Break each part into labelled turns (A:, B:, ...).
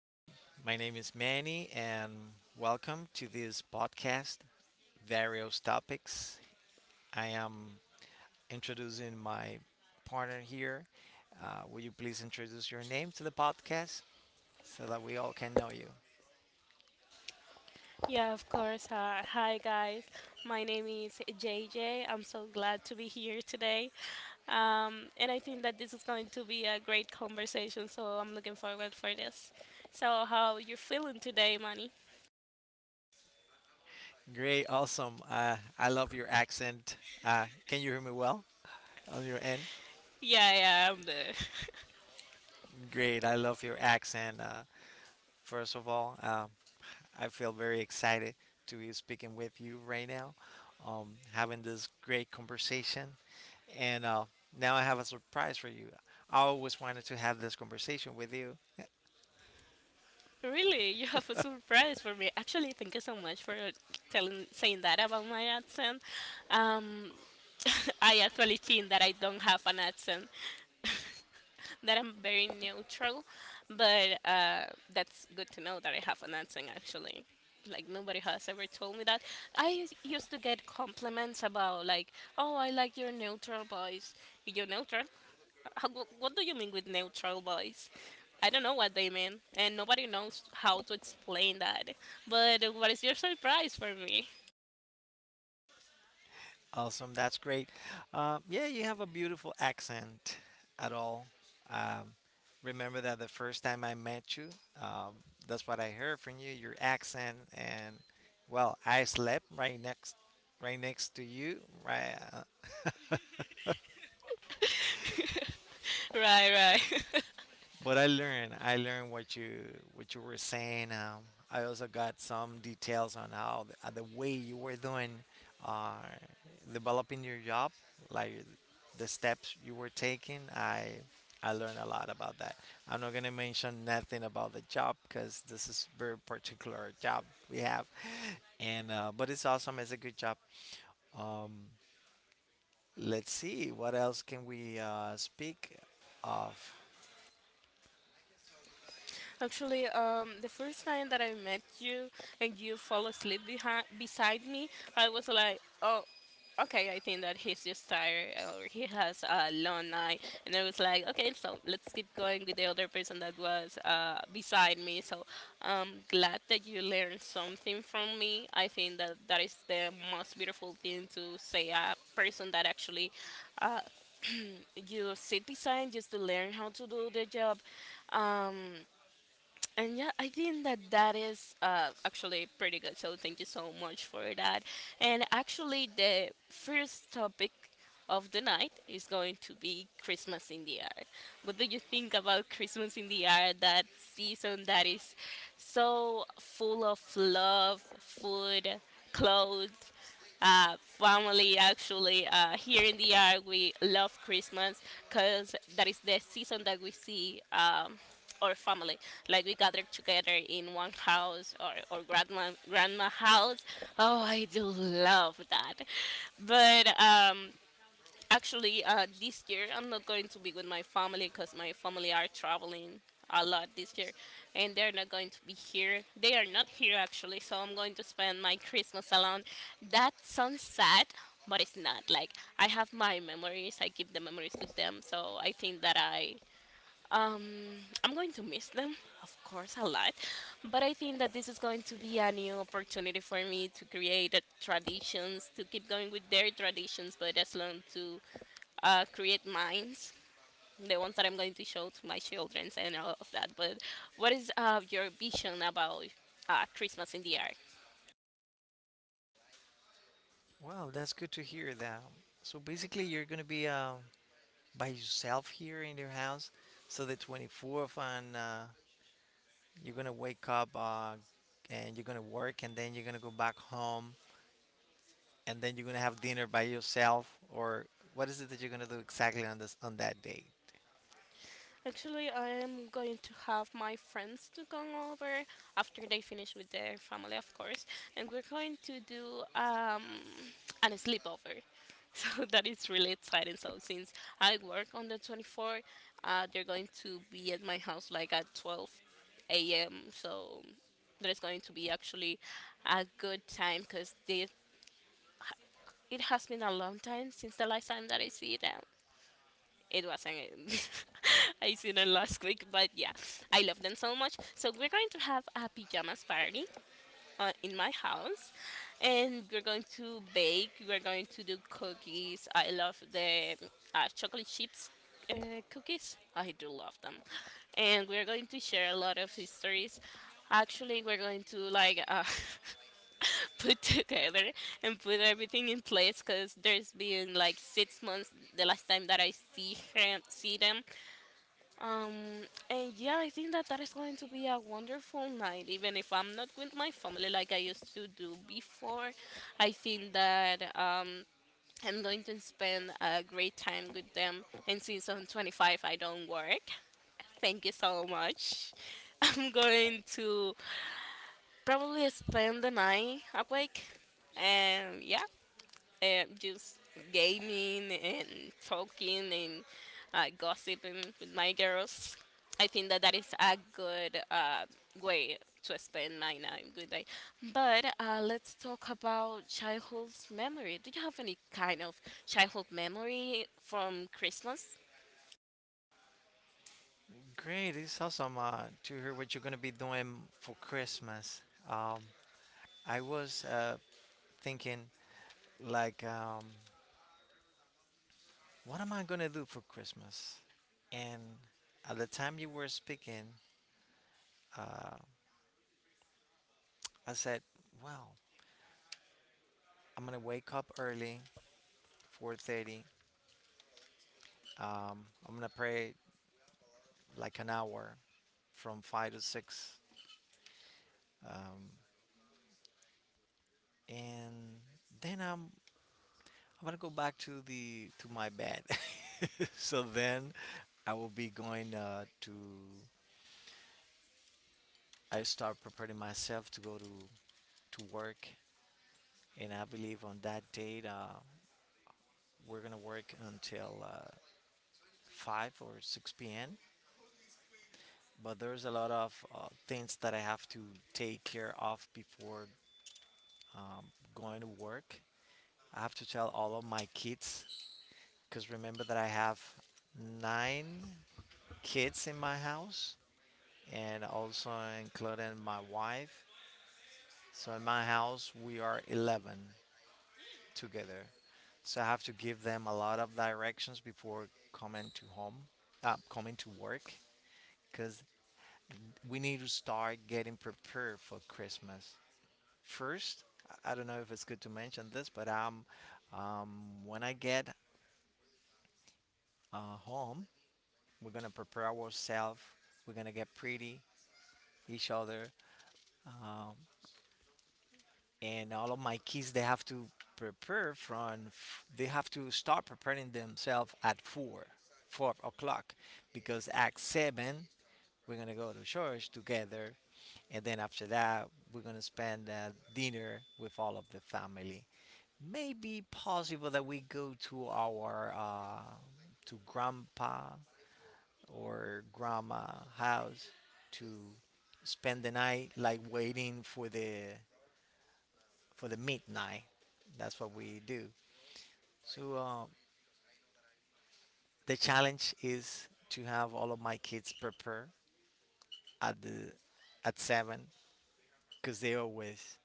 A: Well, my name is Manny, and welcome to this podcast, Various Topics. I am introducing my partner here. Will you please introduce your name to the podcast so that we all can know you?
B: Yeah, of course. Hi, guys. My name is JJ. I'm so glad to be here today. And I think that this is going to be a great conversation, so I'm looking forward for this. So, how you feeling today, Manny?
A: Great, awesome. I love your accent. Can you hear me well on your end?
B: Yeah, yeah, I'm there.
A: Great, I love your accent. First of all, I feel very excited to be speaking with you right now, having this great conversation. And now I have a surprise for you. I always wanted to have this conversation with you.
B: Really, you have a surprise for me? Actually, thank you so much for telling saying that about my accent. Um, I actually think that I don't have an accent. That I'm very neutral, but that's good to know that I have an accent actually. Like nobody has ever told me that. Used to get compliments about like, oh, I like your neutral voice. Your neutral? What do you mean with neutral voice? I don't know what they mean, and nobody knows how to explain that. But what is your surprise for me?
A: Awesome, that's great. Yeah, you have a beautiful accent at all. Um, remember that the first time I met you, um, that's what I heard from you, your accent, and well, I slept right next to you, right
B: Right, right.
A: But I learned what you were saying. I also got some details on how the way you were doing uh, developing your job, like the steps you were taking. I learned a lot about that. I'm not gonna mention nothing about the job because this is very particular job we have, and but it's awesome. It's a good job. Um, let's see what else can we speak of.
B: Actually, the first time that I met you and you fall asleep behind beside me, I was like, oh, okay, I think that he's just tired or he has a long night. And I was like, okay, so let's keep going with the other person that was beside me. So I'm glad that you learned something from me. I think that is the most beautiful thing to say a person that actually uh, you sit beside just to learn how to do the job. Um, and yeah, I think that is actually pretty good, so thank you so much for that. And actually, the first topic of the night is going to be Christmas in the air. What do you think about Christmas in the air, that season that is so full of love, food, clothes, family? Actually, here in the air we love Christmas because that is the season that we see or family. Like we gathered together in one house or grandma house. Oh, I do love that. But actually, this year I'm not going to be with my family because my family are traveling a lot this year, and they're not going to be here. They are not here actually, so I'm going to spend my Christmas alone. That sounds sad, but it's not like. I have my memories. I keep the memories with them, so I think that um, I'm going to miss them, of course, a lot, but I think that this is going to be a new opportunity for me to create traditions, to keep going with their traditions, but as long to create mine, the ones that I'm going to show to my children and all of that. But what is your vision about Christmas in the Ark?
A: Wow, that's good to hear that. So basically, you're gonna be by yourself here in your house. So the 24th, and you're gonna wake up and you're gonna work, and then you're gonna go back home, and then you're gonna have dinner by yourself. Or what is it that you're gonna do exactly on that day?
B: Actually, I am going to have my friends to come over after they finish with their family, of course, and we're going to do a sleepover. So that is really exciting. So since I work on the 24th, they're going to be at my house like at 12 a.m. So there's going to be actually a good time because it has been a long time since the last time that I see them. It wasn't it. I seen it last week, but yeah, I love them so much. So we're going to have a pajamas party in my house, and we're going to bake. We're going to do cookies. I love the chocolate chips uh, cookies. I do love them, and we're going to share a lot of histories. Actually, we're going to like. Put together and put everything in place because there's been like 6 months the last time that I see see them. um, and yeah, I think that is going to be a wonderful night, even if I'm not with my family like I used to do before. I think that I'm going to spend a great time with them. And since I'm 25, I don't work, thank you so much. I'm going to probably spend the night awake. And yeah, just gaming and talking and gossiping with my girls. I think that is a good way to spend my night, good night. But let's talk about childhood memory. Do you have any kind of childhood memory from Christmas?
A: Great, it's awesome to hear what you're gonna be doing for Christmas. Um, I was thinking like what am I gonna do for Christmas? And at the time you were speaking, uh, I said, well, I'm gonna wake up early, 4:30. I'm gonna pray like an hour, from five to six, and then I'm gonna go back to the to my bed. So then I will be going to I start preparing myself to go to work, and I believe on that date we're gonna work until 5 or 6 p.m. But there's a lot of things that I have to take care of before um, going to work. I have to tell all of my kids because remember that I have nine kids in my house and also including my wife. So in my house, we are 11 together. So I have to give them a lot of directions before coming to home, coming to work because we need to start getting prepared for Christmas. First, I- don't know if it's good to mention this, but when I get home, we're gonna prepare ourselves. We're gonna get pretty each other. And all of my kids they have to they have to start preparing themselves at four four o'clock because at seven we're gonna go to church together, and then after that we're gonna spend dinner with all of the family. Maybe possible that we go to our to grandpa or grandma house to spend the night like waiting for the midnight. That's what we do. So the challenge is to have all of my kids prepare at the at seven because they always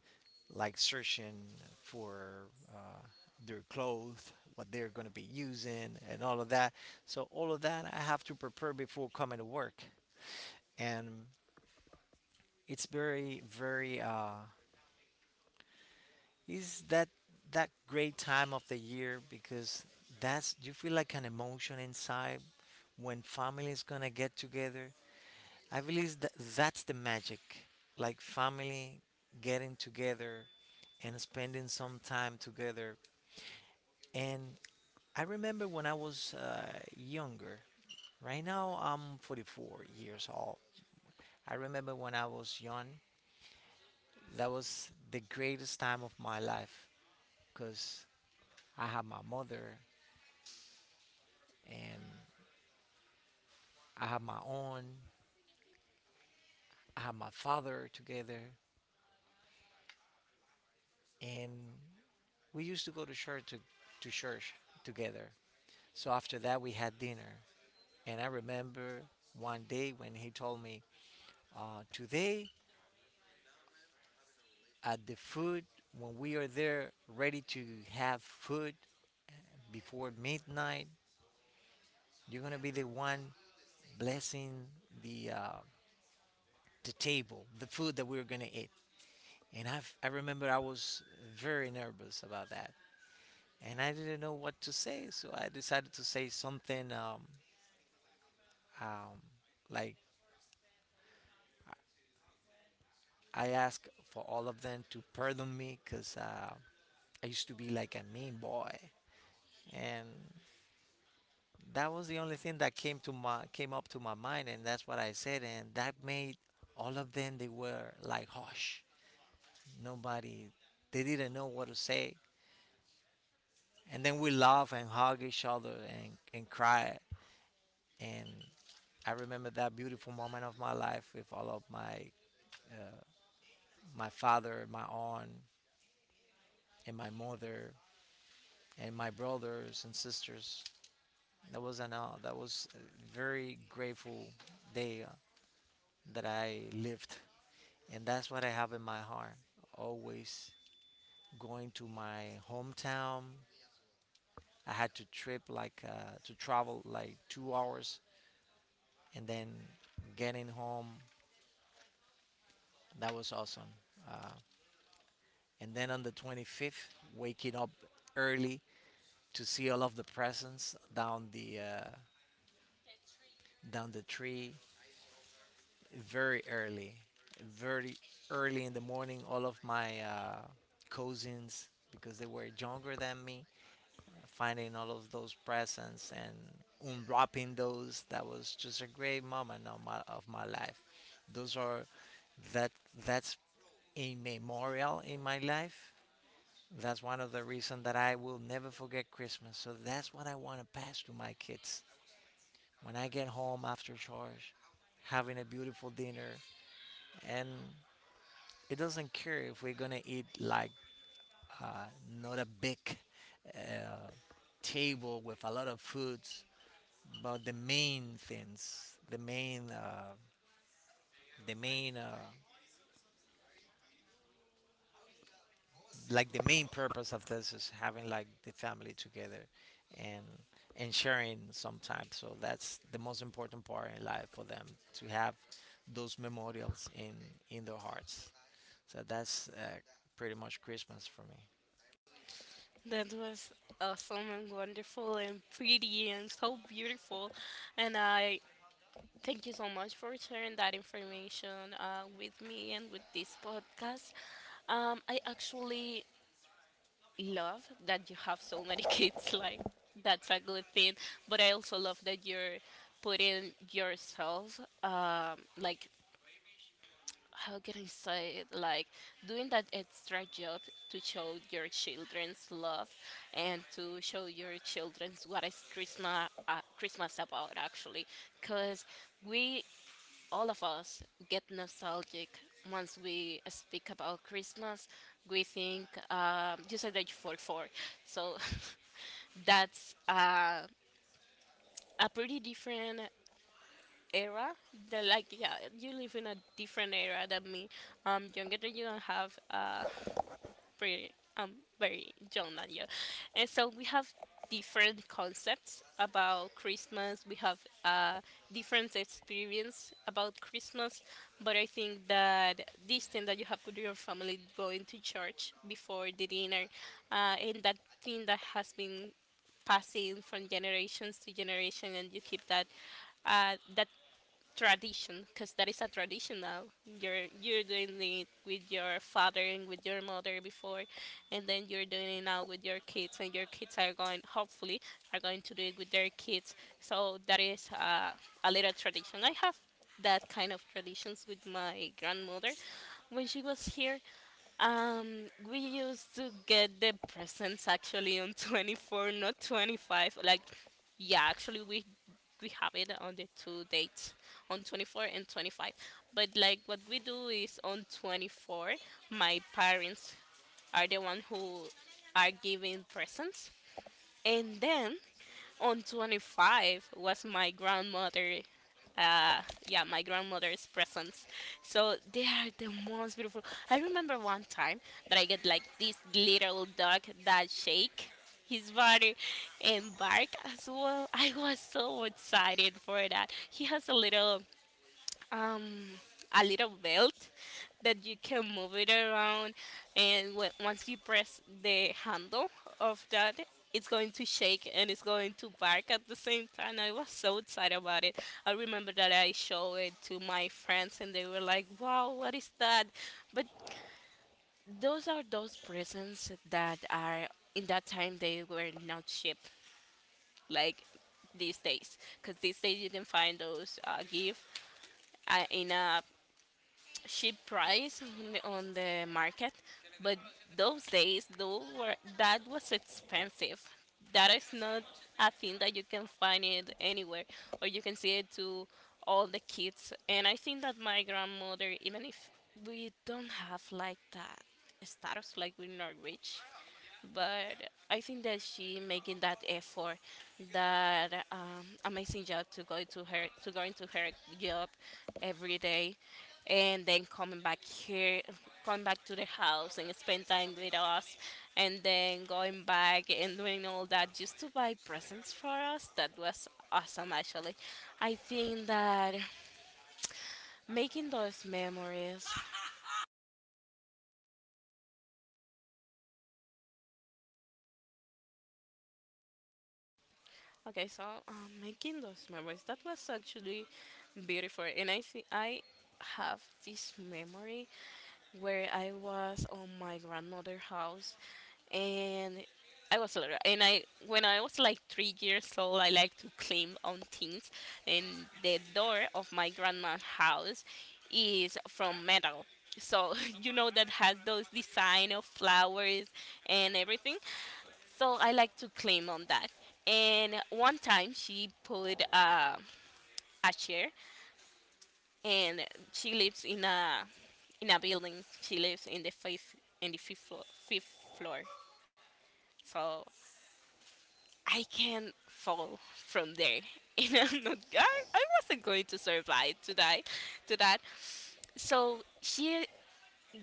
A: like searching for uh, their clothes, what they're going to be using, and all of that. So all of that I have to prepare before coming to work, and it's very very Is that that great time of the year because that's you feel like an emotion inside when family is gonna get together. I believe that that's the magic, like family getting together and spending some time together. And I remember when I was younger. Right now I'm 44 years old. I remember when I was young. That was the greatest time of my life because I had my mother, and I have my own. I have my father together, and we used to go to church together. So after that, we had dinner, and I remember one day when he told me, "Today at the food, when we are there, ready to have food before midnight, you're gonna be the one blessing the uh, the table, the food that we are gonna eat." And I remember I was very nervous about that and I didn't know what to say, so I decided to say something um, like I asked for all of them to pardon me because I used to be like a mean boy, and that was the only thing that came up to my mind, and that's what I said, and that made all of them they were like hush, nobody, they didn't know what to say, and then we laugh and hug each other and cry, and I remember that beautiful moment of my life with all of my my father, my aunt, and my mother, and my brothers and sisters. That was a very grateful day that I lived, and that's what I have in my heart. Always going to my hometown. I had to trip like to travel like 2 hours, and then getting home. That was awesome. Uh, and then on the 25th, waking up early to see all of the presents down the tree very early, very early in the morning. All of my cousins, because they were younger than me, finding all of those presents and unwrapping those. That was just a great moment of my life. Those are that that's a memorial in my life. That's one of the reasons that I will never forget Christmas. So that's what I want to pass to my kids. When I get home after church, having a beautiful dinner, and it doesn't care if we're gonna eat like uh, not a big uh, table with a lot of foods, but the main things, the main, like the main purpose of this is having like the family together, and and sharing sometimes. So that's the most important part in life for them to have those memorials in their hearts. So that's pretty much Christmas for me.
B: That was awesome and wonderful and pretty and so beautiful, and I thank you so much for sharing that information with me and with this podcast. I actually love that you have so many kids. Like that's a good thing. But I also love that you're putting yourself, like how can I say it? Like doing that extra job to show your children's love and to show your children's what is Christmas about actually, because we all of us get nostalgic once we speak about Christmas. We think you said that you 44, so that's a pretty different era. They're like, yeah, you live in a different era than me. Younger than you and have pretty um very young than you, and so we have different concepts about Christmas. We have uh, different experience about Christmas, but I think that this thing that you have with your family, going to church before the dinner, and that thing that has been passing from generations to generation, and you keep that that tradition, because that is a tradition. Now you're doing it with your father and with your mother before, and then you're doing it now with your kids, and your kids are going hopefully, are going to do it with their kids. So that is a little tradition. I have that kind of traditions with my grandmother when she was here. We used to get the presents actually on 24th, not 25th. Like, yeah, actually we have it on the two dates, on 24th and 25th. But like what we do is on 24th, my parents are the one who are giving presents, and then on 25th was my grandmother uh yeah, my grandmother's presents. So they are the most beautiful. I remember one time that I get like this little dog that shake his body and bark as well. I was so excited for that. He has um a little belt that you can move it around, and once you press the handle of that, it's going to shake and it's going to bark at the same time. I was so excited about it. I remember that I showed it to my friends and they were like, wow, what is that? But those are those presents that are, in that time, they were not shipped like these days, because these days you can find those gift in a cheap price on on the market. But those days those were, that was expensive. That is not a thing that you can find it anywhere, or you can see it to all the kids. And I think that my grandmother, even if we don't have like that status, like we're not rich, but I think that she making that effort, that amazing job to go to her to going to her job every day, and then coming back here, coming back to the house and spend time with us, and then going back and doing all that just to buy presents for us. That was awesome, actually. I think that making those memories. Okay, so making those memories, that was actually beautiful, and I think I have this memory where I was on my grandmother's house, and I was little, and I when I was like 3 years old, I like to climb on things, and the door of my grandma's house is from metal. So you know that has those design of flowers and everything. So I like to claim on that. And one time she put a chair, and she lives in a building. She lives in the fifth floor. Fifth floor. So I can fall from there, and I'm not. I wasn't going to survive to die, to that. So she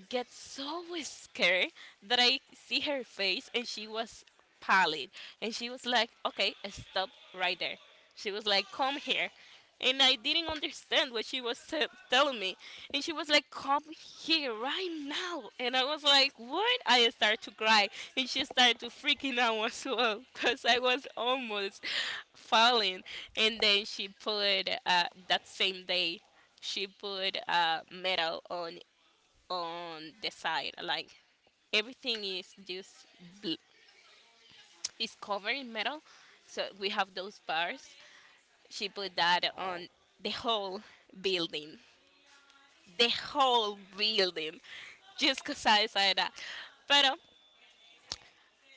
B: get so scared that I see her face, and she was pallid. And she was like, okay, stop right there. She was like, come here. And I didn't understand what she was telling me. And she was like, come here right now. And I was like, what? I started to cry. And she started to freaking out as well because I was almost falling. And then she put, that same day, she put metal on the side. Like everything is just bl- is covered in metal. So we have those bars. She put that on the whole building, the whole building, just 'cause I said that. But.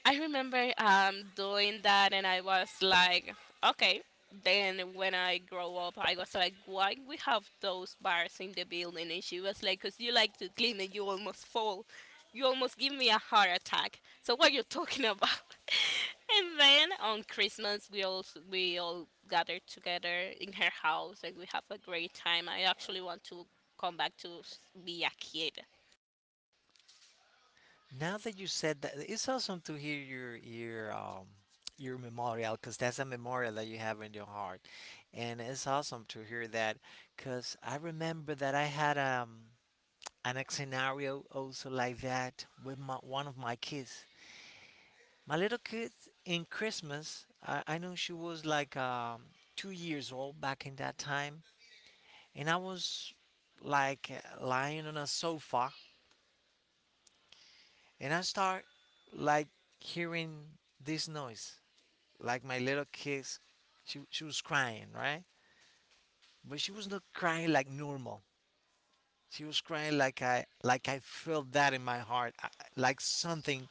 B: I remember doing that, and I was like, okay. Then when I grow up, I was like, why we have those bars in the building? And she was like, because you like to clean and you almost fall. You almost give me a heart attack. So what are you talking about? And then on Christmas, we all gather together in her house, and we have a great time. I actually want to come back to s- be a kid
A: Now that you said that, it's awesome to hear your memorial because that's a memorial that you have in your heart, and it's awesome to hear that because I remember that I had an scenario also like that with my one of my kids. My little kid in Christmas, I know she was like 2 years old back in that time, and I was like lying on a sofa. And I start like hearing this noise, like my little kids. She was crying, right? But she was not crying like normal. She was crying like I felt that in my heart, like something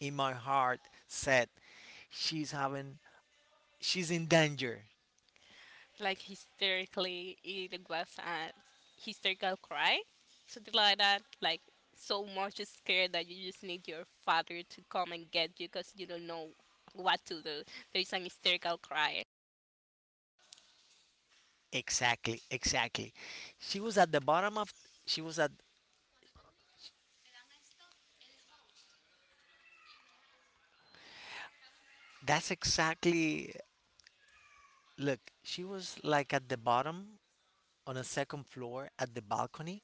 A: in my heart said she's having she's in danger.
B: like hysterically it was a hysterical cry something like that like so much scared that you just need your father to come and get you because you don't know what to do there's an hysterical cry.
A: Exactly, exactly. She was at the bottom of she was at that's exactly look, she was like at the bottom on a second floor at the balcony.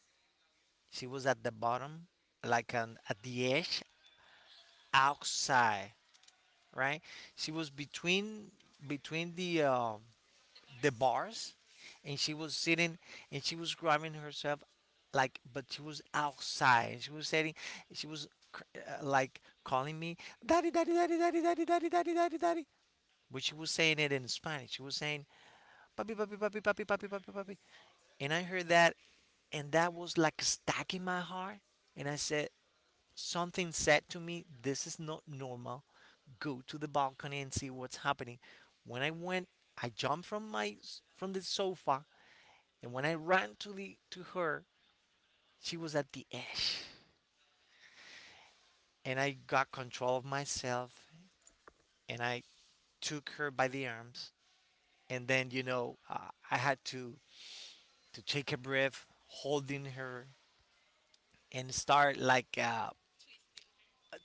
A: She was at the bottom, like on at the edge outside, right? She was between the bars, and she was sitting and she was grabbing herself, like, but she was outside. She was sitting, she was like calling me, daddy, daddy, daddy, daddy, daddy, daddy, daddy, daddy, daddy. But she was saying it in Spanish. She was saying, papi, papi, papi, papi, papi, papi, papi. And I heard that, and that was like a stack in my heart. And I said, Something said to me, This is not normal. Go to the balcony and see what's happening. When I went, I jumped from the sofa and when I ran to the to her, she was at the edge. And I got control of myself and I took her by the arms and then you know I had to take a breath, holding her and start like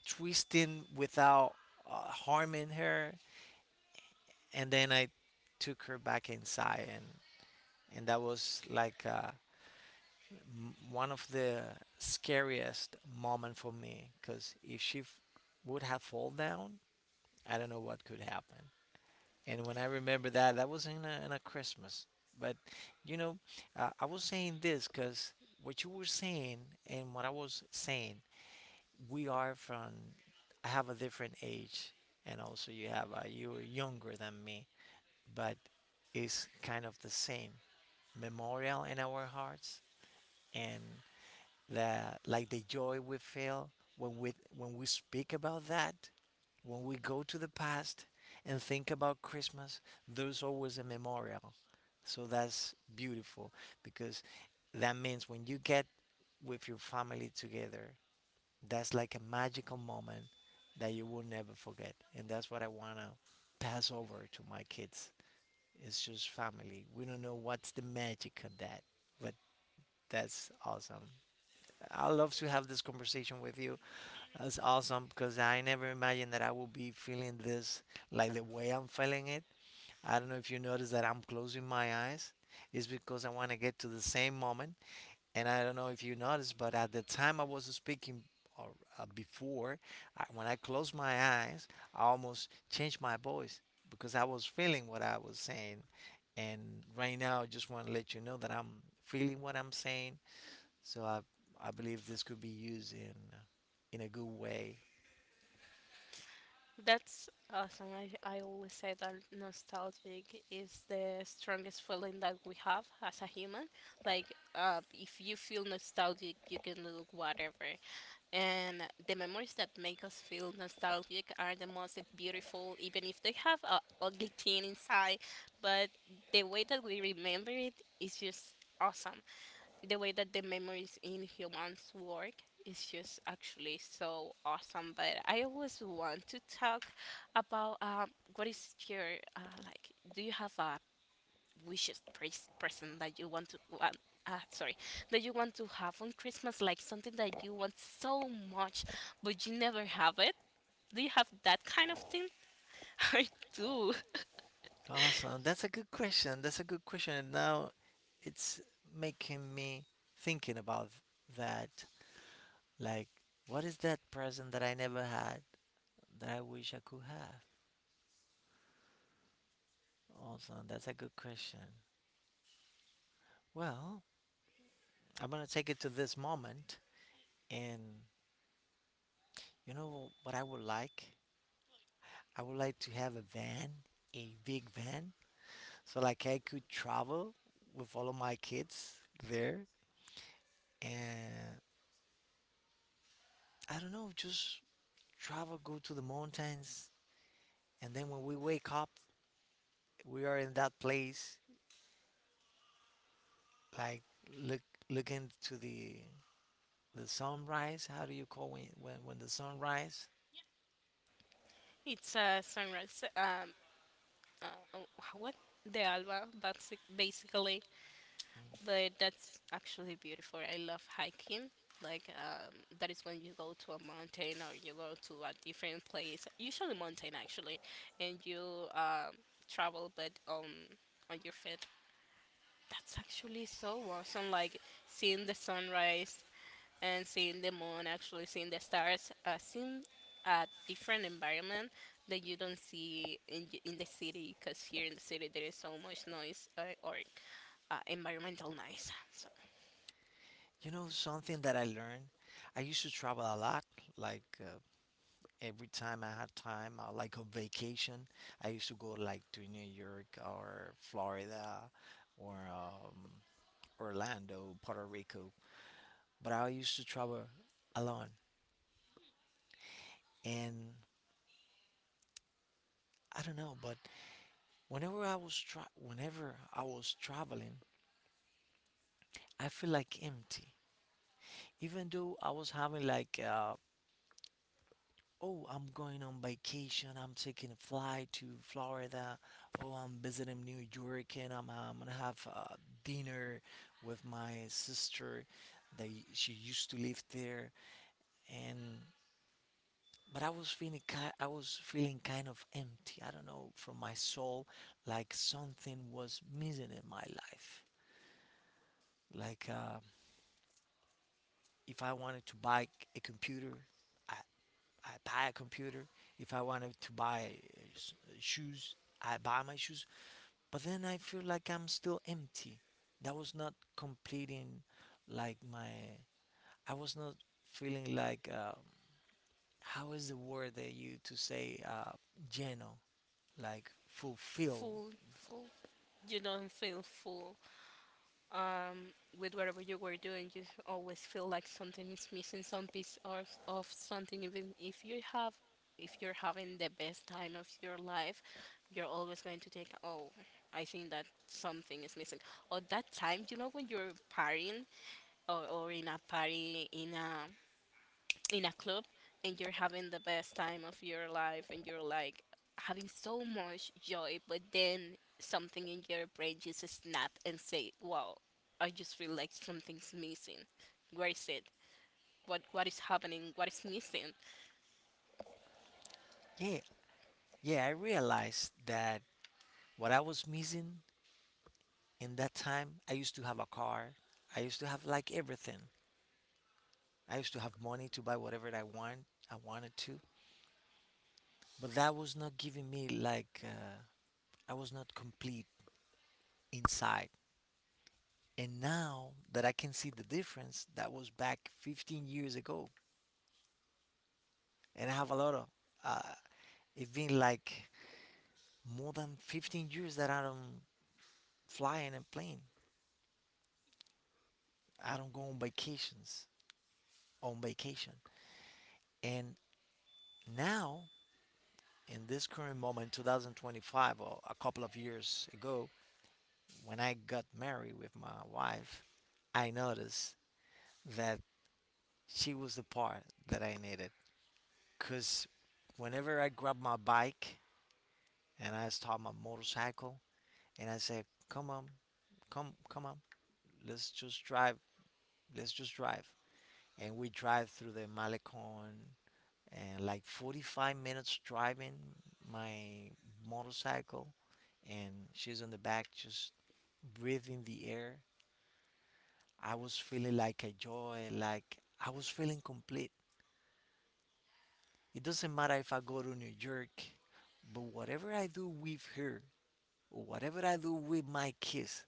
A: twisting without harming her and then I took her back inside, and that was like one of the scariest moment for me because if would have fall down, I don't know what could happen. And when I remember that, that was in in a Christmas. But you know, I was saying this because what you were saying and what I was saying, we are from. I have a different age, and also you have you are younger than me. But it's kind of the same memorial in our hearts and the like the joy we feel when we speak about that, when we go to the past and think about Christmas, there's always a memorial. So that's beautiful because that means when you get with your family together, that's like a magical moment that you will never forget. And that's what I want to pass over to my kids. It's just family. We don't know what's the magic of that, but that's awesome. I love to have this conversation with you. That's awesome because I never imagined that I would be feeling this like the way I'm feeling it. I don't know if you notice that I'm closing my eyes. It's because I want to get to the same moment. And I don't know if you noticed, but at the time I was speaking or before, when I closed my eyes, I almost changed my voice because I was feeling what I was saying. And right now, I just want to let you know that I'm feeling what I'm saying. So I believe this could be used in a good way.
B: That's awesome. I always say that nostalgic is the strongest feeling that we have as a human. Like, if you feel nostalgic, you can look whatever. And the memories that make us feel nostalgic are the most beautiful, even if they have a ugly thing inside. But the way that we remember it is just awesome, the way that the memories in humans work is just actually so awesome. But I always want to talk about what is your like? Do you have a present that you want to want? Sorry, that you want to have on Christmas, like something that you want so much, but you never have it. Do you have that kind of thing? I do.
A: Awesome. That's a good question. That's a good question. And now it's making me thinking about that. Like, what is that present that I never had that I wish I could have? Awesome. That's a good question. Well, I'm going to take it to this moment. And you know what I would like? I would like to have a van, a big van. So, like, I could travel with all of my kids there. And I don't know, just travel, go to the mountains, and then when we wake up, we are in that place, like look looking to the sunrise. How do you call when when the sunrise?
B: It's a sunrise. Uh, oh, what? The Alba. That's it, basically. But that's actually beautiful. I love hiking. Like that is when you go to a mountain or you go to a different place, usually mountain actually, and you travel but on your feet. That's actually so awesome. Like seeing the sunrise and seeing the moon, actually seeing the stars, seeing a different environment that you don't see in in the city. Because here in the city there is so much noise or environmental noise. So.
A: You know something that I learned. I used to travel a lot, like every time I had time, like on vacation. I used to go like to New York or Florida or Orlando, Puerto Rico. But I used to travel alone, and I don't know, but whenever I was traveling, I feel like empty. Even though I was having like, oh, I'm going on vacation. I'm taking a flight to Florida. Oh, I'm visiting New York, and I'm gonna have dinner with my sister. They she used to live there, and but I was feeling kind of empty. I don't know from my soul, like something was missing in my life. Like if I wanted to buy a computer, I, I buy a computer. If I wanted to buy shoes, I buy my shoes. But then I feel like I'm still empty. That was not completing, like my. I was not feeling like how is the word that you to say geno like fulfill.
B: Full, full. You don't feel full um, with whatever you were doing. You always feel like something is missing, some piece of something. Even if you have, if you're having the best time of your life, you're always going to take. Oh, I think that something is missing. Or that time, you know, when you're partying or in a party in a club and you're having the best time of your life and you're like having so much joy, but then something in your brain just snap and say, "Wow, I just feel like something's missing. Where is it? What is happening? What is missing?"
A: Yeah, yeah. I realized that what I was missing in that time. I used to have a car. I used to have like everything. I used to have money to buy whatever I wanted to, but that was not giving me like I was not complete inside. And now that I can see the difference, that was back 15 years ago, and I have a lot of. Uh, it's been like more than 15 years that I don't fly in a plane. I don't go on vacation. And now, in this current moment, 2025 or a couple of years ago, when I got married with my wife, I noticed that she was the part that I needed. Because whenever I grabbed my bike and I start my motorcycle and I said, come on, come on, let's just drive, let's just drive. And we drive through the Malecon and like 45 minutes driving my motorcycle, and she's on the back just breathing the air. I was feeling like a joy, like I was feeling complete. It doesn't matter if I go to New York, but whatever I do with her, or whatever I do with my kids,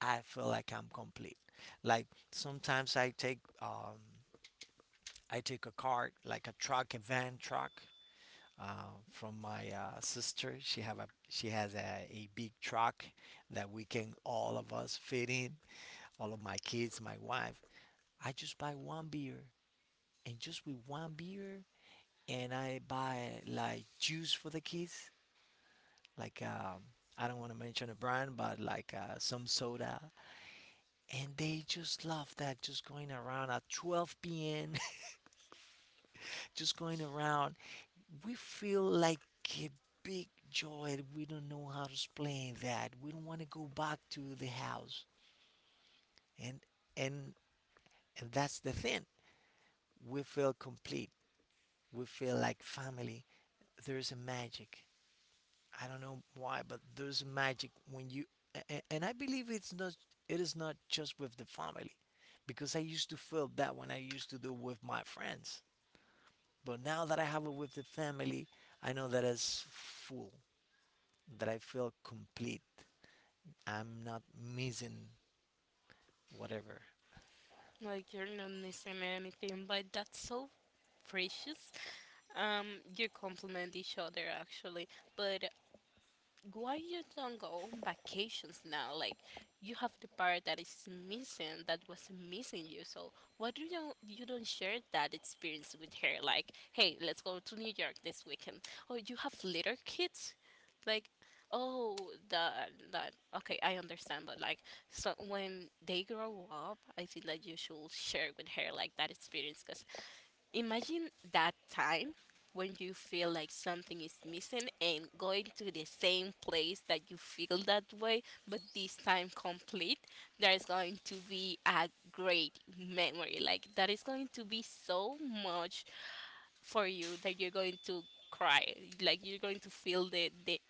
A: I feel like I'm complete. Like sometimes I take a car, like a truck, a van truck, from my sister. She has a big truck that we can all of us fit in, all of my kids, my wife. I just buy one beer, and just with one beer, and I buy like juice for the kids, like I don't want to mention a brand, but like some soda, and they just love that. Just going around at 12 p.m., just going around, we feel like a big joy. We don't know how to explain that. We don't want to go back to the house, and and and that's the thing. We feel complete. We feel like family. There's a magic. I don't know why, but there's magic when you and I believe it is not just with the family because I used to feel that when I used to do with my friends. But now that I have it with the family, I know that it's full, that I feel complete. I'm not missing whatever.
B: Like you're not missing anything, but that's so precious. You complement each other actually, but why you don't go on vacations now? Like you have the part that is missing that was missing you. So why do you don't share that experience with her? Like, hey, let's go to New York this weekend. Oh, you have little kids? Like oh that that okay, I understand but like so when they grow up I think that you should share with her like that experience because imagine that time when you feel like something is missing and going to the same place that you feel that way, but this time complete. There is going to be a great memory. Like, that is going to be so much for you that you're going to cry. Like, you're going to feel the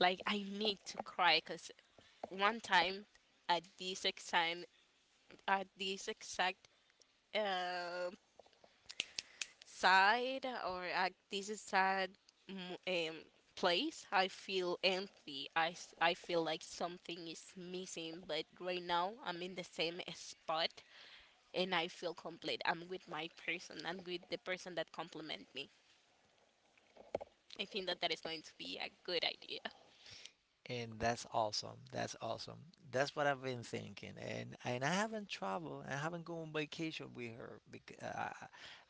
B: like, I need to cry because one time at this exact, at this exact uh, sad or at this sad mm, um, place, I feel empty. I feel like something is missing, but right now I'm in the same spot and I feel complete. I'm with my person, I'm with the person that compliment me. I think that that is going to be a good idea.
A: And that's awesome. That's awesome. That's what I've been thinking, and I haven't traveled. I haven't gone on vacation with her because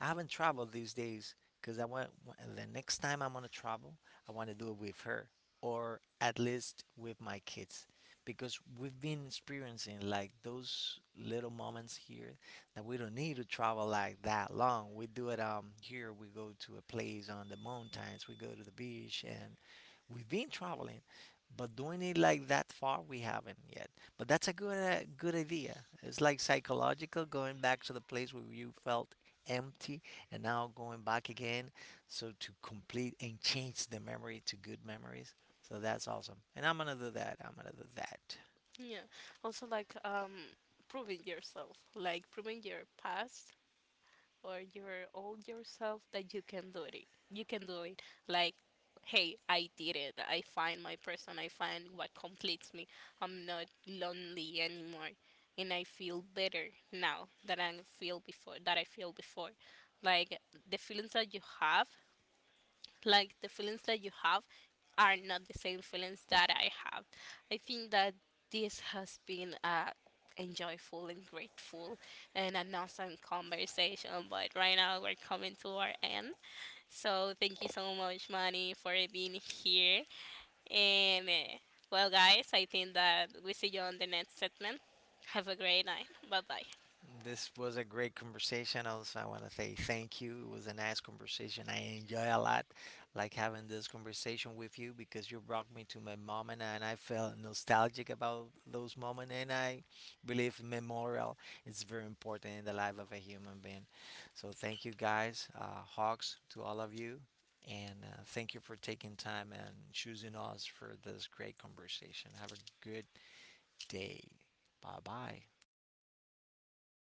A: I haven't traveled these days. Because I want the next time I'm gonna travel, I want to do it with her, or at least with my kids, because we've been experiencing like those little moments here that we don't need to travel like that long. We do it here. We go to a place on the mountains. We go to the beach, and we've been traveling, but doing it like that far we haven't yet. But that's a good idea. It's like psychological, going back to the place where you felt empty and now going back again, so to complete and change the memory to good memories. So that's awesome, and I'm gonna do that.
B: Yeah. Also, like proving yourself, like proving your past or your old yourself that you can do it. You can do it. Like, hey, I did it. I find my person. I find what completes me. I'm not lonely anymore, and I feel better now than I feel before. That I feel before. Like the feelings that you have the feelings that you have are not the same feelings that I have. I think that this has been a enjoyable and grateful and an awesome conversation. But right now we're coming to our end. So thank you so much, Manny, for being here. And well, guys, I think that we see you on the next segment. Have a great night. Bye bye.
A: This was a great conversation. Also, I want to say thank you. It was a nice conversation. I enjoy a lot, like having this conversation with you because you brought me to my moment, and and I felt nostalgic about those moments. And I believe memorial is very important in the life of a human being. So thank you guys, Hawks, to all of you, and thank you for taking time and choosing us for this great conversation. Have a good day. Bye bye.